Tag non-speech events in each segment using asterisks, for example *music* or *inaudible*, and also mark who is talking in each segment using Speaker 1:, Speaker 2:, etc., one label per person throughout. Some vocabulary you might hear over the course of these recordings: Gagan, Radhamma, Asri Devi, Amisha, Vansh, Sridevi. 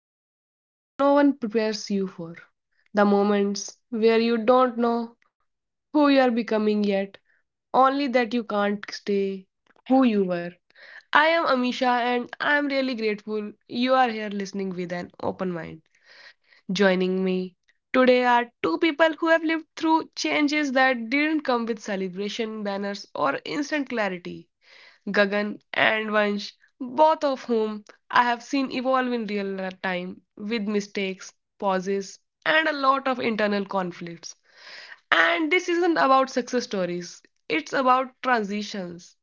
Speaker 1: Between phase that no one prepares you for. The moments where you don't know who you are becoming yet, only that you can't stay who you were. I am Amisha and I am really grateful you are here listening with an open mind. Joining me today are two people who have lived through changes that didn't come with celebration banners or instant clarity. Gagan and Vansh, both of whom I have seen evolve in real time with mistakes, pauses, and a lot of internal conflicts. And this isn't about success stories, it's about transitions,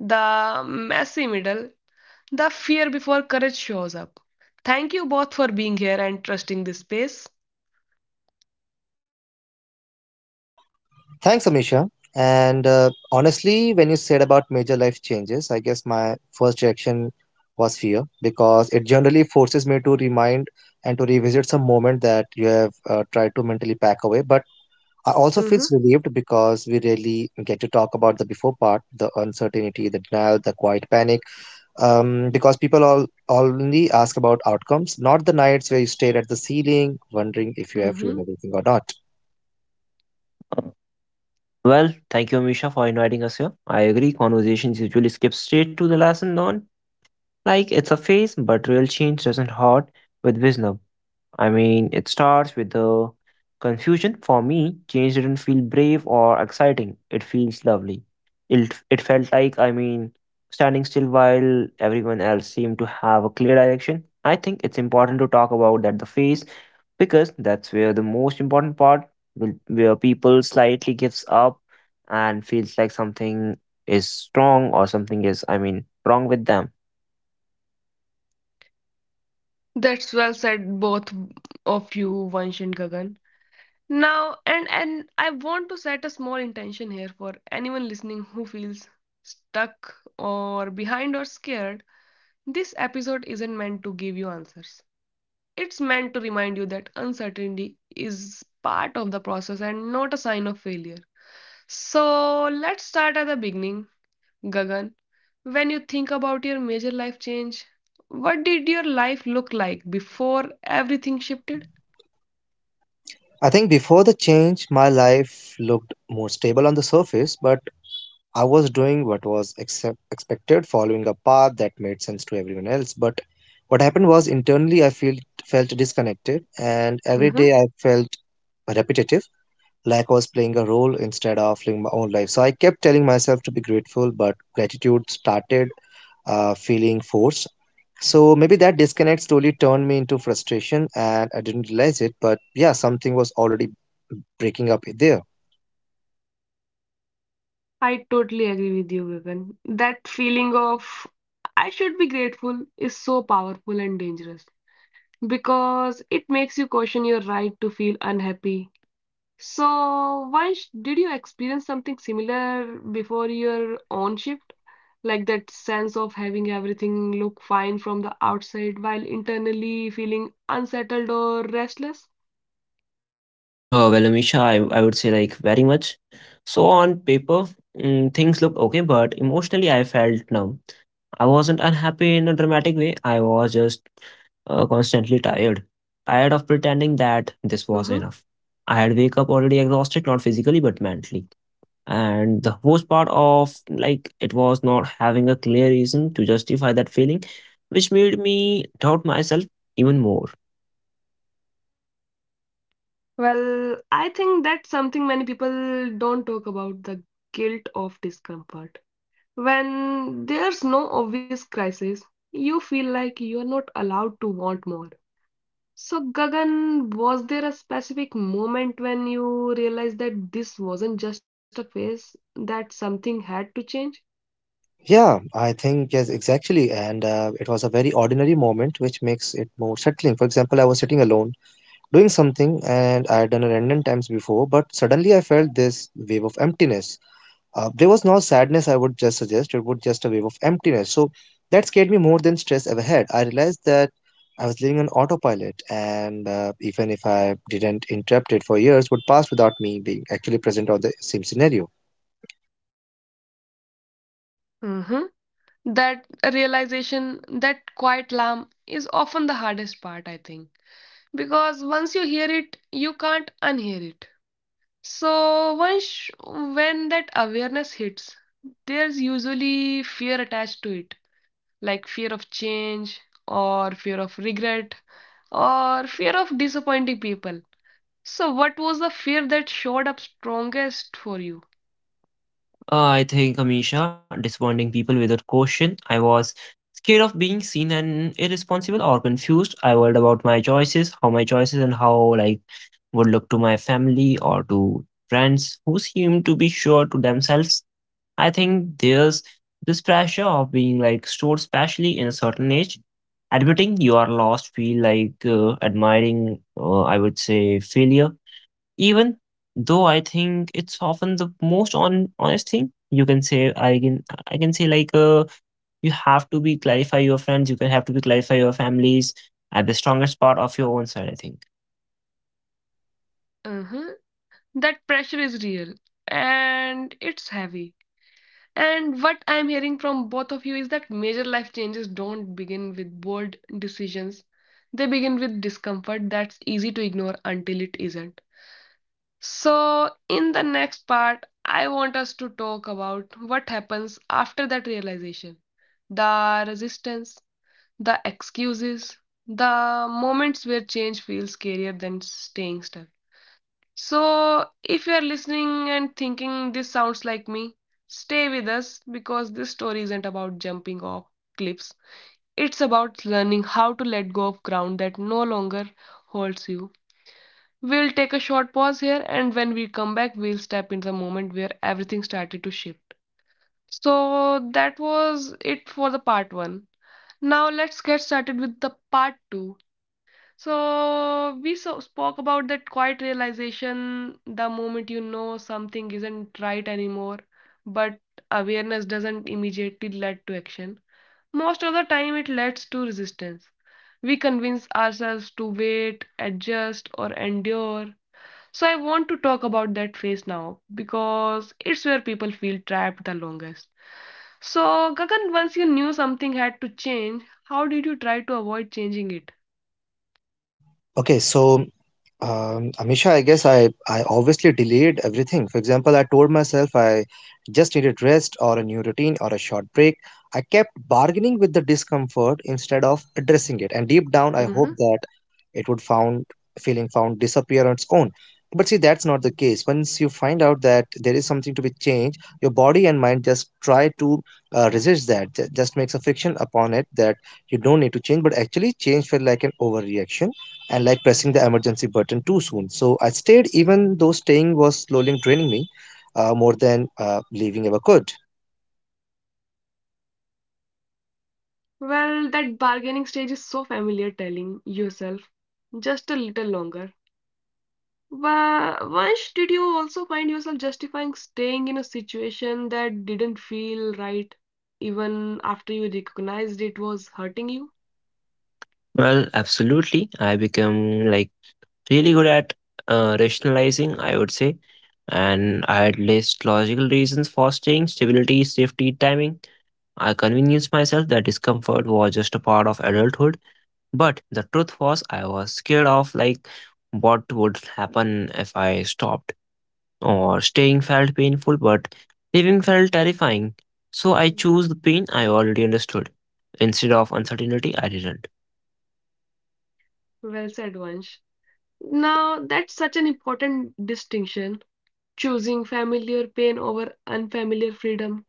Speaker 1: the messy middle, the fear before courage shows up. Thank you both for being here and trusting this space.
Speaker 2: Thanks, Amisha. And honestly, when you said about major life changes, I guess my first reaction was fear because it generally forces me to remind and to revisit some moment that you have tried to mentally pack away. But I also feel
Speaker 1: Mm-hmm.
Speaker 2: relieved because we really get to talk about the before part, the uncertainty, the denial, the quiet panic. Because people all only ask about outcomes, not the nights where you stare at the ceiling, wondering if you have ruined
Speaker 1: Mm-hmm.
Speaker 2: everything or not.
Speaker 3: Uh, Well, thank you, Amisha, for inviting us here. I agree, conversations usually skip straight to the lesson learned, like it's a phase, but real change doesn't hurt with wisdom. I mean, it starts with the confusion. For me, change didn't feel brave or exciting. It feels lovely. It felt like, I mean, standing still while everyone else seemed to have a clear direction. I think it's important to talk about that the phase because that's where the most important part will, where people slightly gives up and feels like something is wrong or something is, I mean, wrong with them.
Speaker 1: That's well said, both of you, Vansh and Gagan. Now, and I want to set a small intention here for anyone listening who feels stuck or behind or scared. This episode isn't meant to give you answers. It's meant to remind you that uncertainty is part of the process and not a sign of failure. So let's start at the beginning, Gagan. When you think about your major life change, what did your life look like before everything shifted?
Speaker 2: I think before the change, my life looked more stable on the surface, but I was doing what was expected, following a path that made sense to everyone else. But what happened was internally, I felt disconnected, and every
Speaker 1: hmm
Speaker 2: day I felt repetitive, like I was playing a role instead of living my own life. So I kept telling myself to be grateful, but gratitude started feeling forced. So maybe that disconnect slowly turned me into frustration and I didn't realize it, but yeah, something was already breaking up there.
Speaker 1: I totally agree with you, Gagan. That feeling of I should be grateful is so powerful and dangerous because it makes you question your right to feel unhappy. So, Vansh, did you experience something similar before your own shift? Like that sense of having everything look fine from the outside while internally feeling unsettled or restless?
Speaker 3: Well, Amisha, I would say like very much. So on paper, things looked okay, but emotionally, I felt numb. I wasn't unhappy in a dramatic way. I was just constantly tired, tired of
Speaker 1: hmm
Speaker 3: pretending that this was enough. I had wake up already exhausted, not physically but mentally. And the worst part of like it was not having a clear reason to justify that feeling, which made me doubt myself even more.
Speaker 1: Well, I think that's something many people don't talk about, the guilt of discomfort. When there's no obvious crisis, you feel like you're not allowed to want more. So, Gagan, was there a specific moment when you realized that this wasn't just a phase, that something had to change?
Speaker 2: Yeah, I think yes, exactly. And it was a very ordinary moment, which makes it more settling. For example, I was sitting alone doing something, and I had done it random times before, but suddenly I felt this wave of emptiness. There was no sadness, I would just suggest. It was just a wave of emptiness. So that scared me more than stress ever had. I realized that I was living on autopilot, and even if I didn't interrupt it for years, would pass without me being actually present on the same scenario.
Speaker 1: hmm That realization, that quiet alarm is often the hardest part, I think. Because once you hear it, you can't unhear it. So, once when that awareness hits, there's usually fear attached to it, like fear of change or fear of regret or fear of disappointing people. So, what was the fear that showed up strongest for you?
Speaker 3: I think Amisha, disappointing people without caution. I was scared of being seen and irresponsible or confused. I worried about my choices, how my choices and how like would look to my family or to friends who seem to be sure to themselves. I think there's this pressure of being like stored especially in a certain age. Admitting you are lost feel like admiring, I would say, failure. Even though I think it's often the most on honest thing you can say, I can say like you have to be clarify your friends, you can have to be clarify your families at the strongest part of your own side, I think.
Speaker 1: Uh-huh. That pressure is real and it's heavy. And what I'm hearing from both of you is that major life changes don't begin with bold decisions, they begin with discomfort that's easy to ignore until it isn't. So, in the next part, I want us to talk about what happens after that realization, the resistance, the excuses, the moments where change feels scarier than staying stuck. So, if you are listening and thinking this sounds like me, stay with us because this story isn't about jumping off cliffs. It's about learning how to let go of ground that no longer holds you. We'll take a short pause here, and when we come back, we'll step into the moment where everything started to shift. So, that was it for the part one. Now, let's get started with the part two. So we spoke about that quiet realization, the moment you know something isn't right anymore, but awareness doesn't immediately lead to action. Most of the time, it leads to resistance. We convince ourselves to wait, adjust, or endure. So I want to talk about that phase now because it's where people feel trapped the longest. So Gagan, once you knew something had to change, how did you try to avoid changing it?
Speaker 2: Okay, so Amisha, I guess I obviously delayed everything. For example, I told myself I just needed rest or a new routine or a short break. I kept bargaining with the discomfort instead of addressing it. And deep down, I hoped
Speaker 1: Mm-hmm.
Speaker 2: that it would found feeling found disappear on its own. But see, that's not the case. Once you find out that there is something to be changed, your body and mind just try to resist that. Just makes a friction upon it that you don't need to change, but actually change felt like an overreaction and like pressing the emergency button too soon. So I stayed even though staying was slowly draining me more than leaving ever could.
Speaker 1: Well, that bargaining stage is so familiar, telling yourself just a little longer. But once, did you also find yourself justifying staying in a situation that didn't feel right, even after you recognized it was hurting you?
Speaker 3: Well, absolutely. I become like really good at rationalizing, I would say, and I had list logical reasons for staying, stability, safety, timing. I convinced myself that discomfort was just a part of adulthood. But the truth was, I was scared of like what would happen if I stopped, or staying felt painful, but leaving felt terrifying. So I
Speaker 1: Mhm.
Speaker 3: chose the pain I already understood. Instead of uncertainty, I didn't.
Speaker 1: Well said, Vansh. Now, that's such an important distinction, choosing familiar pain over unfamiliar freedom.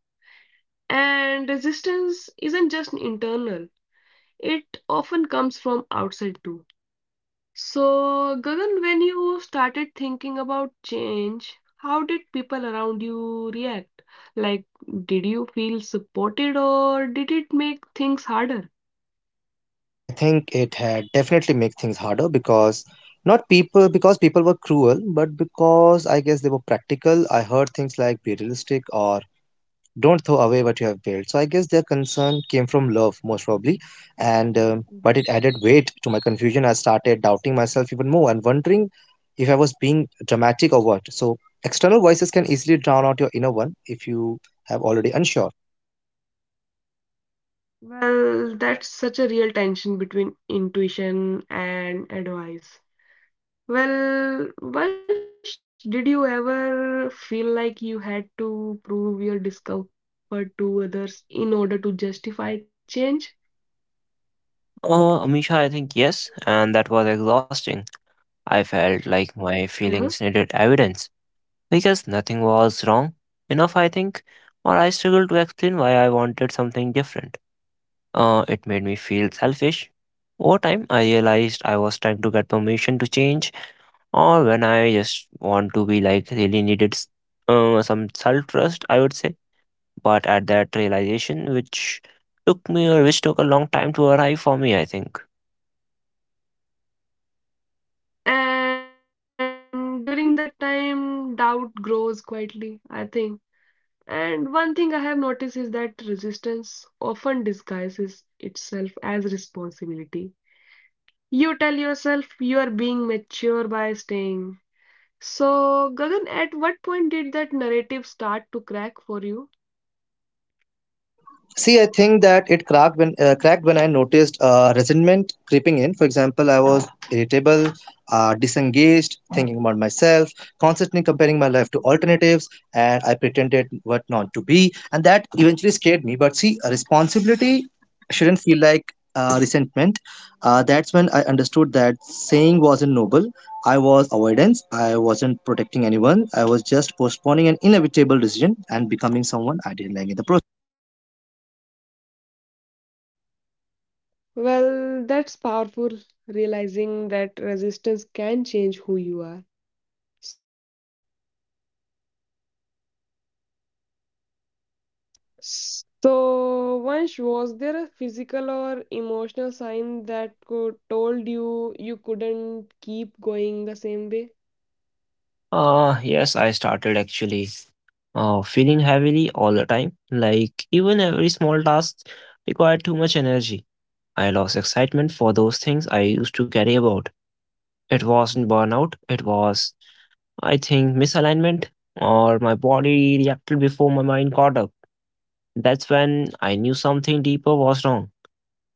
Speaker 1: And resistance isn't just internal, it often comes from outside too. So, Gagan, when you started thinking about change, how did people around you react? Like, did you feel supported or did it make things harder?
Speaker 2: I think it had definitely made things harder because not people because people were cruel, but because I guess they were practical. I heard things like be realistic or don't throw away what you have built, so I guess their concern came from love most probably. and um,
Speaker 1: Mhm.
Speaker 2: but it added weight to my confusion. I started doubting myself even more and wondering if I was being dramatic or what. So external voices can easily drown out your inner one if you have already unsure.
Speaker 1: Well, that's such a real tension between intuition and advice. Well, Vansh, did you ever feel like you had to prove your discomfort to others in order to justify change?
Speaker 3: Oh, Amisha, I think yes, and that was exhausting. I felt
Speaker 1: Uh-huh.
Speaker 3: like my feelings needed evidence because nothing was wrong enough, I think, or I struggled to explain why I wanted something different. It made me feel selfish. Over time, I realized I was trying to get permission to change, or when I just want to be like really needed some self trust, I would say. But at that realization, which took me or which took a long time to arrive for me, I think.
Speaker 1: And during that time, doubt grows quietly, I think. And one thing I have noticed is that resistance often disguises itself as responsibility. You tell yourself you are being mature by staying. So, Gagan, at what point did that narrative start to crack for you?
Speaker 2: See, I think that it cracked when I noticed resentment creeping in. For example, I was irritable, disengaged, thinking about myself, constantly comparing my life
Speaker 1: Mhm.
Speaker 2: to alternatives, and I pretended what not to be, and that eventually scared me. But see, a responsibility shouldn't feel like resentment. That's when I understood that saying wasn't noble. I was avoidance. I wasn't protecting anyone. I was just postponing an inevitable decision and becoming someone I didn't like in the process.
Speaker 1: Well, that's powerful, realizing that resistance can change who you are. So, Vansh, was there a physical or emotional sign that could, told you you couldn't keep going the same way?
Speaker 3: Yes, I started actually feeling heavily all the time. Like, even every small task required too much energy. I lost excitement for those things I used to carry about. It wasn't burnout, it was I think misalignment or my body reacted before my mind caught up. That's when I knew something deeper was wrong.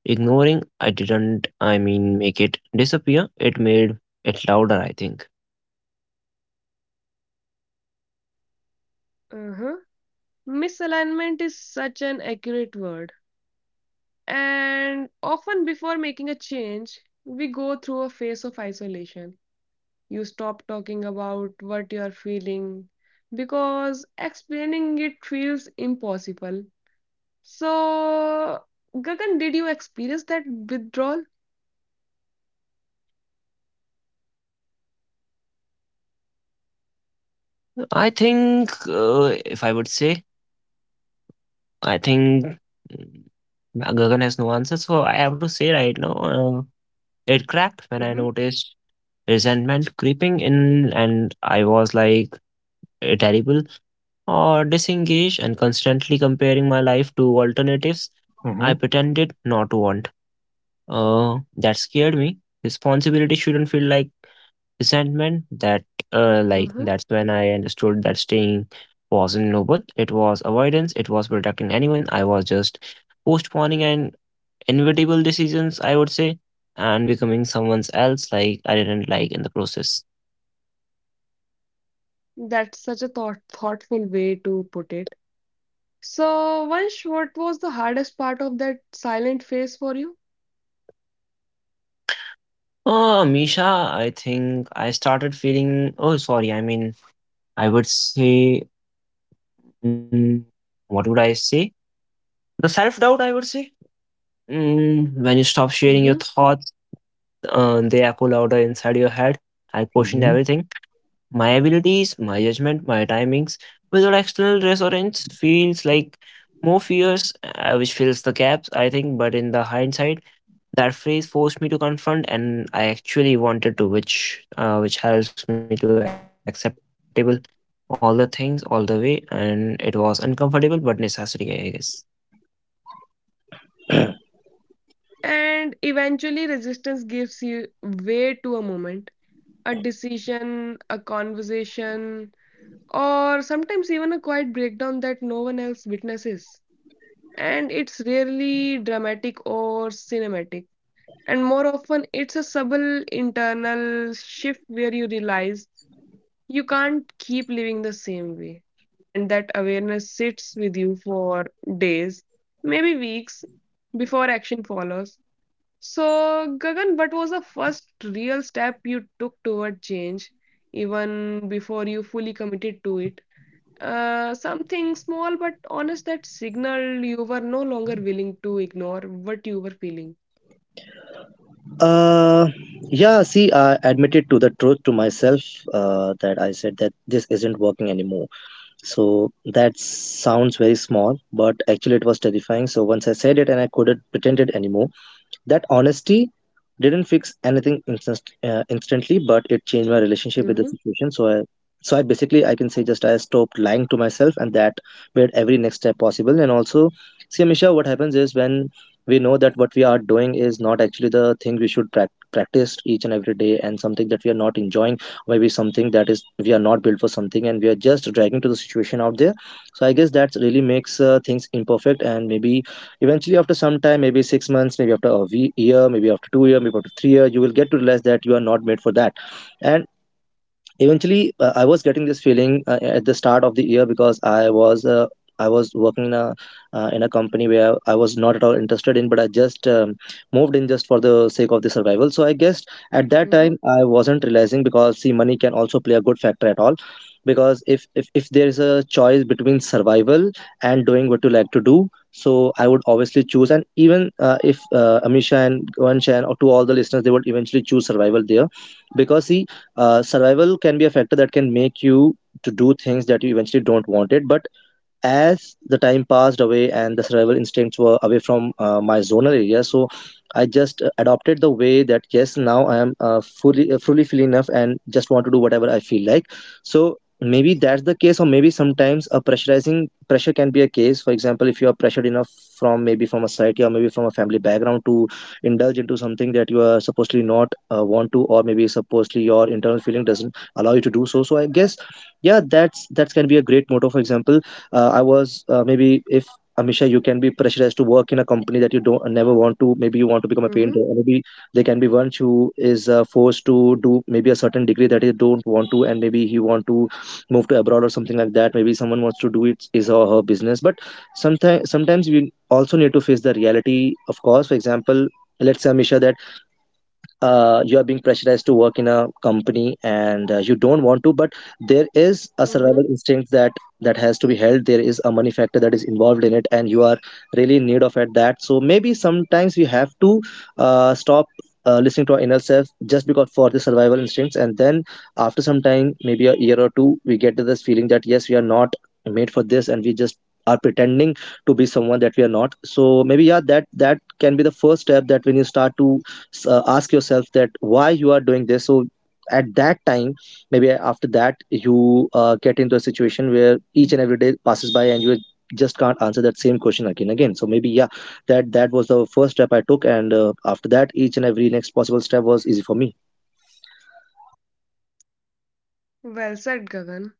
Speaker 3: Ignoring, I didn't, I mean, make it disappear. It made it louder, I think.
Speaker 1: Uh-huh. Misalignment is such an accurate word. And often before making a change, we go through a phase of isolation. You stop talking about what you're feeling because explaining it feels impossible. So, Gagan, did you experience that withdrawal?
Speaker 3: I think, if I would say, I think Gagan has no answer, so I have to say right now, it cracked when I
Speaker 1: Mm-hmm.
Speaker 3: noticed resentment creeping in, and I was like, terrible or disengaged and constantly comparing my life to alternatives I
Speaker 2: Mm-hmm.
Speaker 3: pretended not to want. That scared me. Responsibility shouldn't feel like resentment. That, like that's when I understood that staying wasn't noble. It was avoidance. It was protecting anyone. I was just postponing and inevitable decisions. I would say, and becoming someone else like I didn't like in the process.
Speaker 1: That's such a thoughtful way to put it. So, Vansh, what was the hardest part of that silent phase for you?
Speaker 3: Oh, Misha, I think I started feeling. Oh, sorry. I mean, I would say, mm, what would I say? The self doubt, I would say. When you stop sharing your
Speaker 1: hmm
Speaker 3: thoughts, they echo louder inside your head. I questioned
Speaker 2: Hmm.
Speaker 3: everything, my abilities, my judgment, my timings. Without external reassurance, feels like more fears, which fills the gaps, I think. But in the hindsight, that phrase forced me to confront, and I actually wanted to, which helps me to acceptable all the things all the way. And it was uncomfortable, but necessary, I guess.
Speaker 1: And eventually, resistance gives you way to a moment, a decision, a conversation, or sometimes even a quiet breakdown that no one else witnesses. And it's rarely dramatic or cinematic. And more often, it's a subtle internal shift where you realize you can't keep living the same way. And that awareness sits with you for days, maybe weeks, before action follows. So, Gagan, what was the first real step you took toward change, even before you fully committed to it? Something small but honest that signaled you were no longer willing to ignore what you were feeling.
Speaker 2: Uh, yeah, see, I admitted to the truth to myself that I said that this isn't working anymore. So that sounds very small, but actually it was terrifying. So once I said it and I couldn't pretend it anymore, that honesty didn't fix anything instantly, but it changed my relationship with the
Speaker 1: Mm-hmm,
Speaker 2: situation. So I basically I can say just I stopped lying to myself, and that made every next step possible. And also, see, Amisha, what happens is when we know that what we are doing is not actually the thing we should practice each and every day, and something that we are not enjoying, maybe something that is we are not built for something, and we are just dragging to the situation out there. So I guess that really makes things imperfect, and maybe eventually after some time, maybe 6 months, maybe after a year, maybe after 2 year, maybe after 3 year, you will get to realize that you are not made for that. And eventually, I was getting this feeling at the start of the year, because I was working in a company where I was not at all interested in, but I just moved in just for the sake of the survival. So I guess at that
Speaker 1: mm-hmm,
Speaker 2: time I wasn't realizing, because see, money can also play a good factor at all. Because if there is a choice between survival and doing what you like to do, so I would obviously choose. And even if Amisha and Vansh and or to all the listeners, they would eventually choose survival there. Because see, survival can be a factor that can make you to do things that you eventually don't want it. But as the time passed away and the survival instincts were away from my zonal area, so I just adopted the way that yes, now I am fully free enough and just want to do whatever I feel like. So maybe that's the case, or maybe sometimes a pressurizing pressure can be a case. For example, if you are pressured enough from maybe from a society or maybe from a family background to indulge into something that you are supposedly not want to, or maybe supposedly your internal feeling doesn't allow you to do so. So I guess, yeah, that's that can be a great motto. For example, I was maybe if Amisha, you can be pressurized to work in a company that you don't never want to, maybe you want to become a painter,
Speaker 1: mm-hmm,
Speaker 2: or maybe there can be one who is forced to do maybe a certain degree that he don't want to, and maybe he want to move to abroad or something like that. Maybe someone wants to do it is or her business, but sometimes we also need to face the reality of course. For example, let's say Amisha that you are being pressurized to work in a company, and you don't want to, but there is a
Speaker 1: mm-hmm.
Speaker 2: survival instinct that that has to be held. There is a money factor that is involved in it, and you are really in need of at that. So maybe sometimes we have to stop listening to our inner self just because for the survival instincts. And then after some time, maybe a year or two, we get to this feeling that yes, we are not made for this, and we just are pretending to be someone that we are not. So maybe yeah, that that can be the first step, that when you start to ask yourself that why you are doing this. So at that time, maybe after that, you get into a situation where each and every day passes by and you just can't answer that same question again again. So maybe yeah, that that was the first step I took, and after that each and every next possible step was easy for me.
Speaker 1: Well said, Gagan.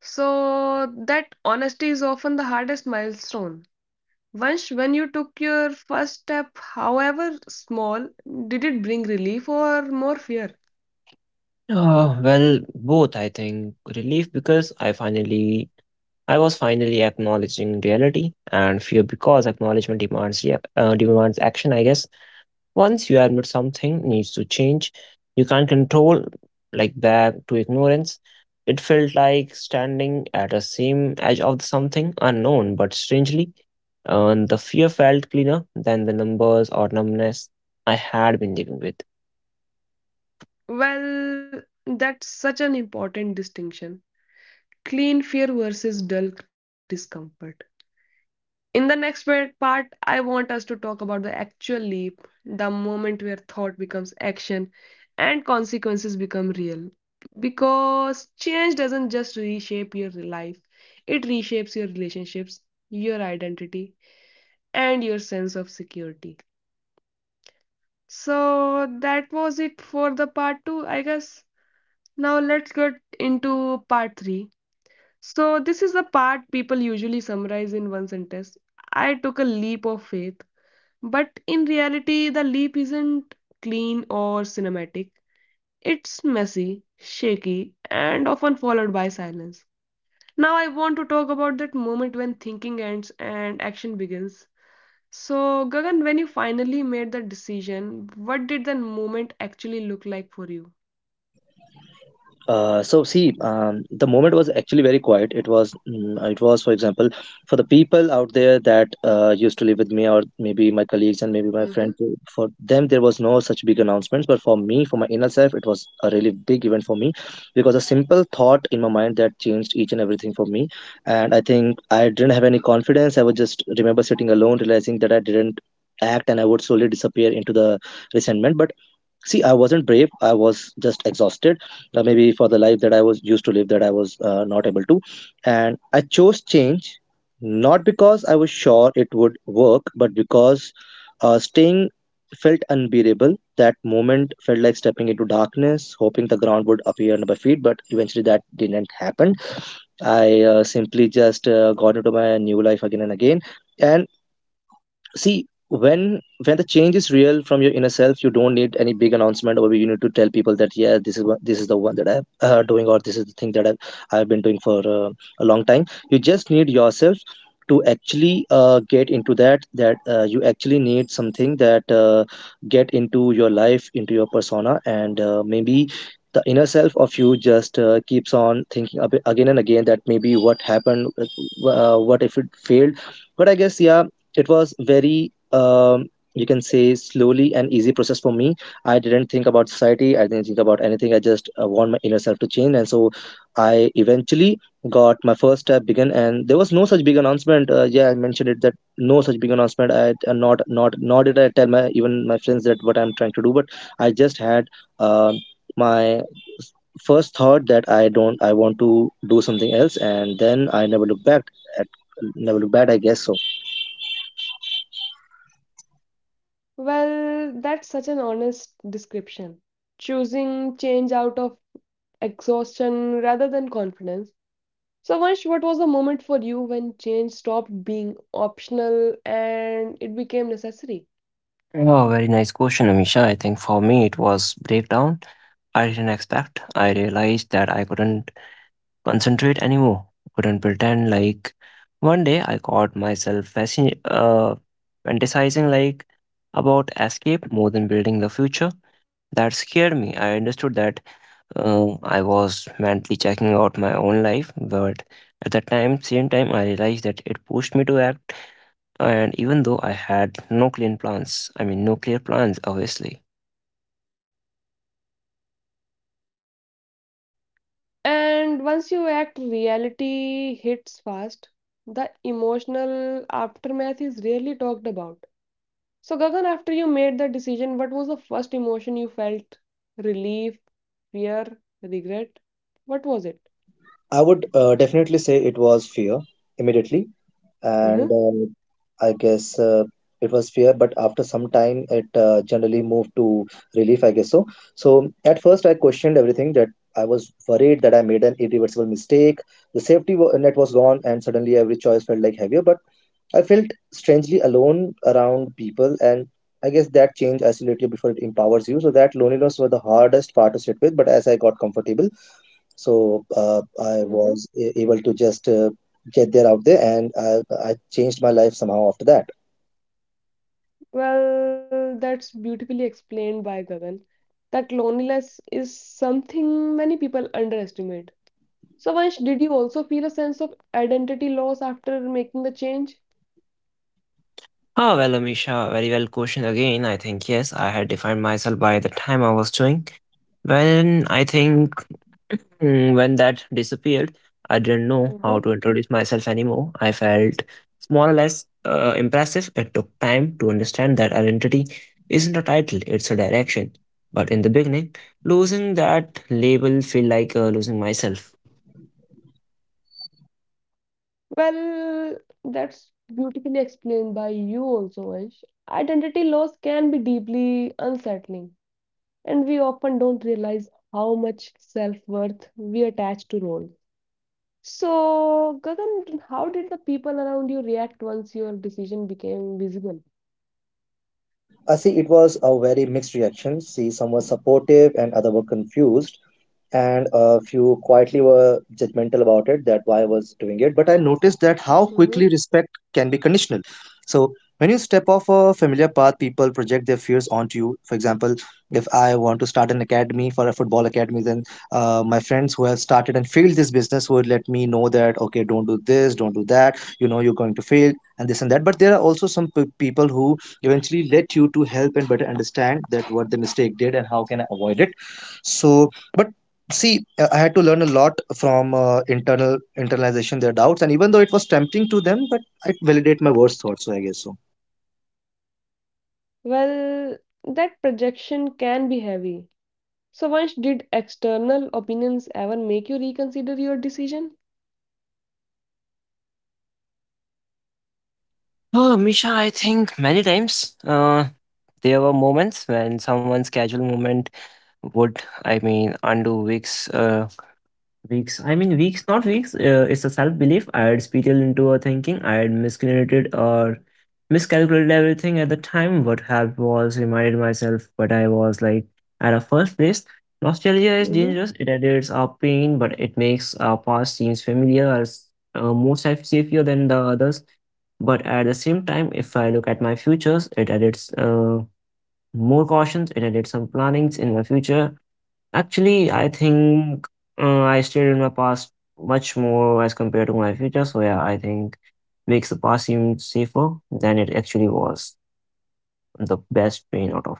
Speaker 1: So, that honesty is often the hardest milestone. Once, when you took your first step, however small, did it bring relief or more fear?
Speaker 3: Well, both, I think. Relief because I finally, I was finally acknowledging reality, and fear because acknowledgement demands, demands action, I guess. Once you admit something needs to change, you can't control like back to ignorance. It felt like standing at the same edge of something unknown, but strangely, the fear felt cleaner than the numbers or numbness I had been living with.
Speaker 1: Well, that's such an important distinction. Clean fear versus dull discomfort. In the next part, I want us to talk about the actual leap, the moment where thought becomes action and consequences become real. Because change doesn't just reshape your life, reshapes your relationships, your identity, and your sense of security. So that was it for the part 2, I guess. Now let's get into part 3. So, this is the part people usually summarize in one sentence. I took a leap of faith. But in reality, the leap isn't clean or cinematic. It's messy, shaky, and often followed by silence. Now, I want to talk about that moment when thinking ends and action begins. So, Gagan, when you finally made that decision, what did that moment actually look like for you?
Speaker 2: So see, the moment was actually very quiet. It was, for example, for the people out there that used to live with me, or maybe my colleagues and maybe my
Speaker 1: hmm
Speaker 2: friends, for them there was no such big announcements. But for me, for my inner self, it was a really big event for me, because a simple thought in my mind that changed each and everything for me. And I think I didn't have any confidence. I would just remember sitting alone realizing that I didn't act and I would slowly disappear into the resentment. But see, I wasn't brave, I was just exhausted. Maybe for the life that I was used to live, that I was not able to. And I chose change, not because I was sure it would work, but because staying felt unbearable. That moment felt like stepping into darkness hoping the ground would appear under my feet, but eventually that didn't happen. I simply just got into my new life again and again. And see, when the change is real from your inner self, you don't need any big announcement, or you need to tell people that yeah, this is what, this is the one that I'm doing, or this is the thing that I've been doing for a long time. You just need Yourself to actually get into that you actually need something that get into your life, into your persona, and maybe the inner self of you just keeps on thinking a bit again and again that maybe what happened, what if it failed? But I guess, yeah, it was very you can say slowly and easy process for me. I didn't think about society, I didn't think about anything, I just want my inner self to change. And so I eventually got my first step began, and there was no such big announcement. Yeah, I mentioned it that no such big announcement. I not nor did I tell my even my friends that what I'm trying to do. But I just had um my first thought that I don't I want to do something else, and then I never looked back at, never looked back, I guess so.
Speaker 1: Well, that's such an honest description. Choosing change out of exhaustion rather than confidence. So, Vansh, what was the moment for you when change stopped being optional and it became necessary?
Speaker 3: Oh, very nice question, Amisha. I think for me it was breakdown. I didn't expect. I realized that I couldn't concentrate anymore. Couldn't pretend like one day I caught myself fantasizing like about escape more than building the future. That scared me. I understood that I was mentally checking out my own life, but at the time, same time, I realized that it pushed me to act. And even though I had no clean plans, I mean, no clear plans, obviously.
Speaker 1: And once you act, reality hits fast. The emotional aftermath is rarely talked about. So, Gagan, after you made that decision, what was the first emotion you felt? Relief, fear, regret? What was it?
Speaker 2: I would definitely say it was fear immediately,
Speaker 1: Mm-hmm,
Speaker 2: and I guess it was fear. But after some time, it generally moved to relief, I guess so. So at first, I questioned everything. That I was worried that I made an irreversible mistake. The safety net was gone, and suddenly every choice felt like heavier. But I felt strangely alone around people, and I guess that change isolates you before it empowers you. So that loneliness was the hardest part to sit with. But as I got comfortable, so I
Speaker 1: mm-hmm.
Speaker 2: was able to just get there out there, and I changed my life somehow after that.
Speaker 1: Well, that's beautifully explained by Gagan. That loneliness is something many people underestimate. So, Vansh, did you also feel a sense of identity loss after making the change?
Speaker 3: Oh, well, Amisha, very well question again. I think, yes, I had defined myself by the time I was doing. When I think when that disappeared, I didn't know how
Speaker 1: hmm
Speaker 3: to introduce myself anymore. I felt more or less impressive. It took time to understand that identity isn't a title, it's a direction. But in the beginning, losing that label felt like losing myself.
Speaker 1: Well, that's beautifully explained by you also, Vansh. Identity loss can be deeply unsettling, and we often don't realize how much self-worth we attach to roles. So, Gagan, how did the people around you react once your decision became visible?
Speaker 2: I see it was a very mixed reaction. See, some were supportive and other were confused, and a few quietly were judgmental about it, that why I was doing it. But I noticed that how
Speaker 1: hmm
Speaker 2: quickly respect can be conditional. So when you step off a familiar path, people project their fears onto you. For example, if I want to start an academy for a football academy, then my friends who have started and failed this business would let me know that, okay, don't do this, don't do that. You know you're going to fail and this and that. But there are also some people who eventually let you to help and better understand that what the mistake did and how can I avoid it. So but see, I had to learn a lot from internalization their doubts, and even though it was tempting to them, but I validate my worst thoughts, so I guess so.
Speaker 1: Well, that projection can be heavy. So, Vansh, did external opinions ever make you reconsider your decision?
Speaker 3: Oh, Misha, I think many times there were moments when someone's casual movement would, I mean, undo weeks. Weeks. I mean, weeks, not weeks. It's a self belief. I had spiritual into a thinking. I had miscalculated or miscalculated everything at the time. What have was reminded myself, but I was like at a first place. Nostalgia is
Speaker 1: hmm
Speaker 3: dangerous. It adds our pain, but it makes our past seems familiar, as more safe, safer than the others. But at the same time, if I look at my futures, it adds more cautions. It adds some plannings in my future. Actually, I think I stayed in my past much more as compared to my future. So yeah, I think makes the past seem safer than it actually was. The best pain out of it.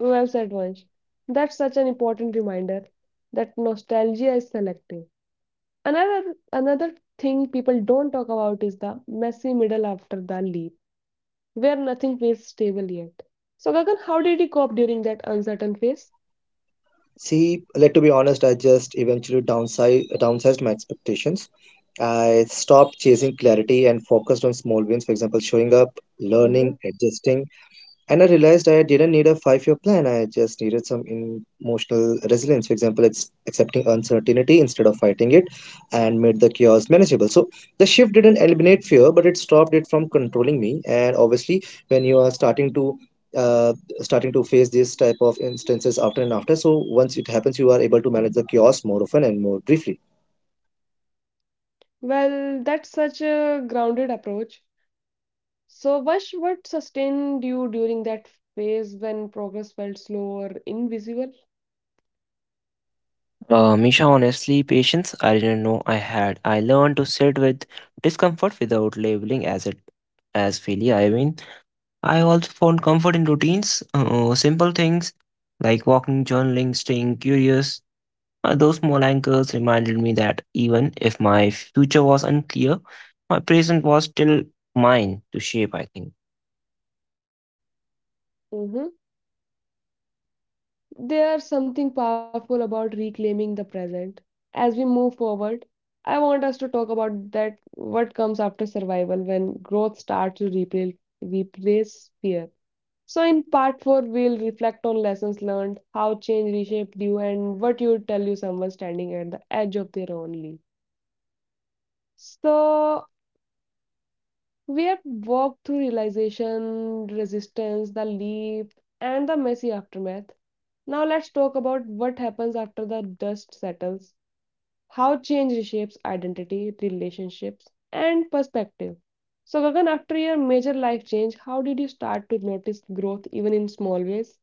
Speaker 1: Well said, Vansh. That's such an important reminder that nostalgia is selective. Another thing people don't talk about is the messy middle after the leap, where nothing feels stable yet. So, Gagan, how did you cope during that uncertain phase?
Speaker 2: See, let to be honest, I just eventually downsized my expectations. I stopped chasing clarity and focused on small wins, for example, showing up, learning,
Speaker 1: hmm
Speaker 2: adjusting. And I realized I didn't need a 5-year plan. I just needed some emotional resilience. For example, it's accepting uncertainty instead of fighting it and made the chaos manageable. So the shift didn't eliminate fear, but it stopped it from controlling me. And obviously, when you are starting to uh, face this type of instances after and after, so once it happens, you are able to manage the chaos more often and more briefly.
Speaker 1: Well, that's such a grounded approach. So, Vansh, what sustained you during that phase when progress felt slow or invisible?
Speaker 3: Misha, honestly, patience I didn't know I had. I learned to sit with discomfort without labeling as it as failure. I mean, I also found comfort in routines, simple things like walking, journaling, staying curious. Those small anchors reminded me that even if my future was unclear, my present was still mine to shape, I think.
Speaker 1: hmm There's something powerful about reclaiming the present. As we move forward, I want us to talk about that what comes after survival when growth starts to replace fear. So, in part four, we'll reflect on lessons learned, how change reshaped you, and what you would tell you someone standing at the edge of their own leap. So, we have walked through realization, resistance, the leap, and the messy aftermath. Now let's talk about what happens after the dust settles, how change reshapes identity, relationships, and perspective. So, Gagan, after your major life change, how did you start to notice growth even in small ways?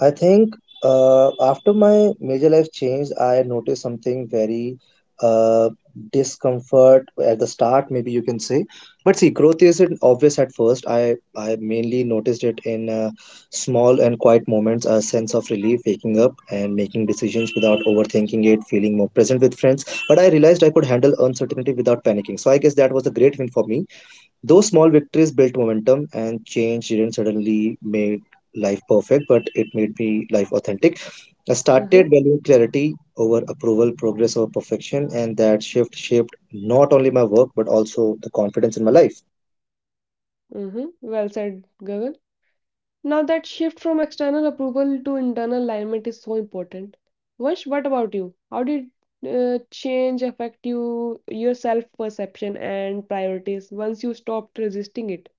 Speaker 2: I think after my major life change, I noticed something very uh, discomfort at the start, maybe you can say. But see, growth isn't obvious at first. I mainly noticed it in small and quiet moments, a sense of relief, waking up and making decisions without overthinking it, feeling more present with friends. But I realized I could handle uncertainty without panicking. So I guess that was a great win for me. Those small victories built momentum, and change didn't suddenly make life perfect, but it made me life authentic. I started
Speaker 1: Mm-hmm,
Speaker 2: valuing clarity over approval, progress over perfection, and that shift shaped not only my work but also the confidence in my life.
Speaker 1: mm-hmm. Well said, Gagan. Now, that shift from external approval to internal alignment is so important. Vansh, what about you? How did change affect you, your self perception and priorities once you stopped resisting it?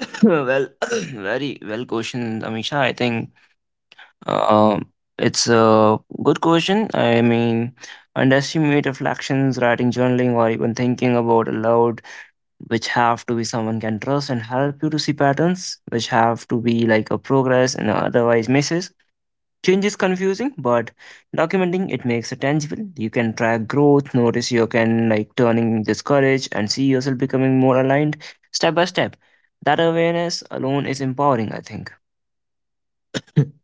Speaker 3: *laughs* Well, *clears throat* very well question, Amisha. I think um, it's a good question. I mean, underestimate reflections, writing, journaling, or even thinking about aloud, which have to be someone can trust and help you to see patterns, which have to be like a progress and otherwise misses. Change is confusing, but documenting it makes it tangible. You can track growth, notice you can like turning discouraged, and see yourself becoming more aligned step by step. That awareness alone is empowering, I think. *laughs*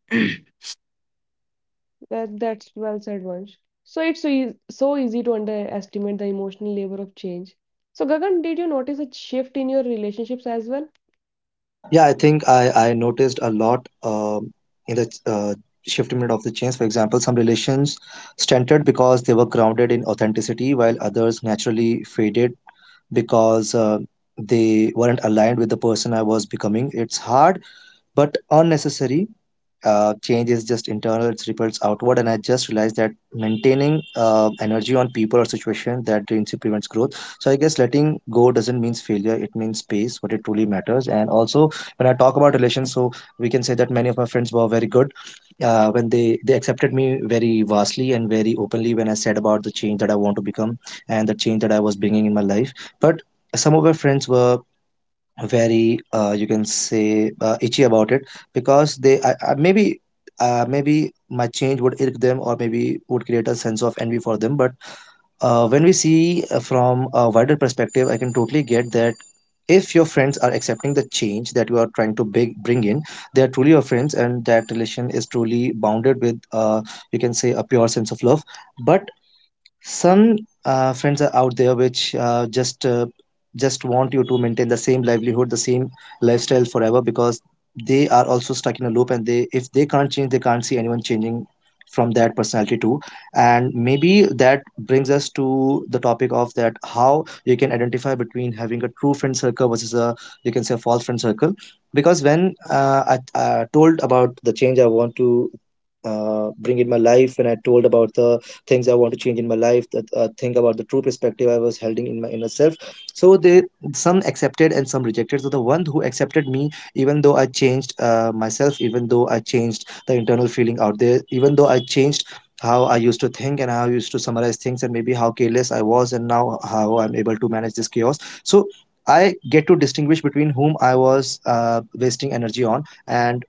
Speaker 1: That's well said, Vansh. So it's so easy to underestimate the emotional labor of change. So Gagan, did you notice a shift in your relationships as well?
Speaker 2: Yeah, I think I noticed a lot, in the shift minute of the change. For example, some relations strengthened because they were grounded in authenticity, while others naturally faded because they weren't aligned with the person I was becoming. It's hard but unnecessary. Change is just internal, it ripples outward, and I just realized that maintaining energy on people or situation that drains you prevents growth. So I guess letting go doesn't mean failure; it means space, what it truly matters. And also, when I talk about relations, so we can say that many of my friends were very good when they accepted me very vastly and very openly when I said about the change that I want to become and the change that I was bringing in my life. But some of my friends were very you can say itchy about it because they maybe. Maybe my change would irk them or maybe would create a sense of envy for them. But when we see from a wider perspective, I can totally get that if your friends are accepting the change that you are trying to bring in, they are truly your friends, and that relation is truly bounded with you can say a pure sense of love. But some friends are out there which just want you to maintain the same livelihood, the same lifestyle forever, because they are also stuck in a loop, and they if they can't change, they can't see anyone changing from that personality too. And maybe that brings us to the topic of that how you can identify between having a true friend circle versus a, you can say, a false friend circle. Because when I told about the change I want to bring in my life, and I told about the things I want to change in my life, that think about the true perspective I was holding in my inner self. So they some accepted and some rejected. So the one who accepted me, even though I changed myself, even though I changed the internal feeling out there, even though I changed how I used to think and how I used to summarize things and maybe how careless I was and now how I'm able to manage this chaos. So I get to distinguish between whom I was wasting energy on. And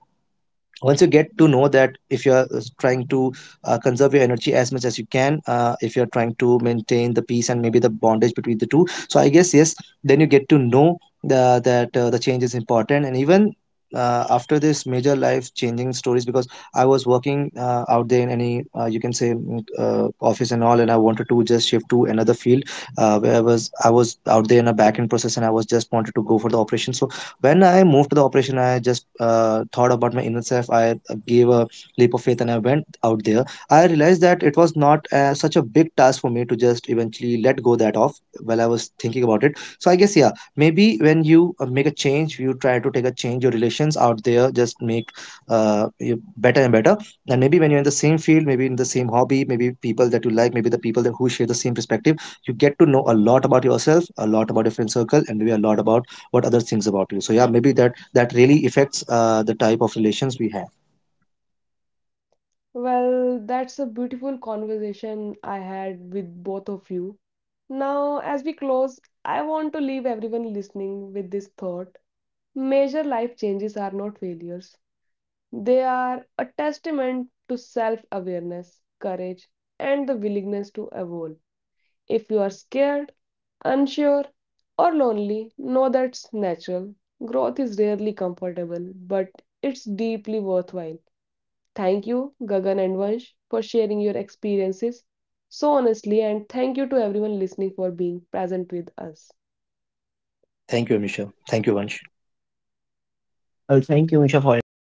Speaker 2: once you get to know that, if you are trying to conserve your energy as much as you can, if you're trying to maintain the peace and maybe the bondage between the two, so I guess, yes, then you get to know that the change is important. And even after this major life changing stories, because I was working out there in any you can say, office and all, and I wanted to just shift to another field where I was out there in a back end process, and I was just wanted to go for the operation. So when I moved to the operation, I just thought about my inner self. I gave a leap of faith and I went out there. I realized that it was not such a big task for me to just eventually let go that off while I was thinking about it. So I guess, yeah, maybe when you make a change, you try to take a change your relations out there, just make you better and better. And maybe when you're in the same field, maybe in the same hobby, maybe people that you like, maybe the people that who share the same perspective, you get to know a lot about yourself, a lot about your friend circle, and maybe a lot about what others thinks about you. So yeah, maybe that really affects the type of relations we have.
Speaker 1: Well, that's a beautiful conversation I had with both of you. Now, as we close, I want to leave everyone listening with this thought. Major life changes are not failures. They are a testament to self-awareness, courage, and the willingness to evolve. If you are scared, unsure, or lonely, know that's natural. Growth is rarely comfortable, but it's deeply worthwhile. Thank you, Gagan and Vansh, for sharing your experiences so honestly, and thank you to everyone listening for being present with us.
Speaker 2: Thank you, Amisha. Thank you, Vansh.
Speaker 3: Well, thank you, Misha, for your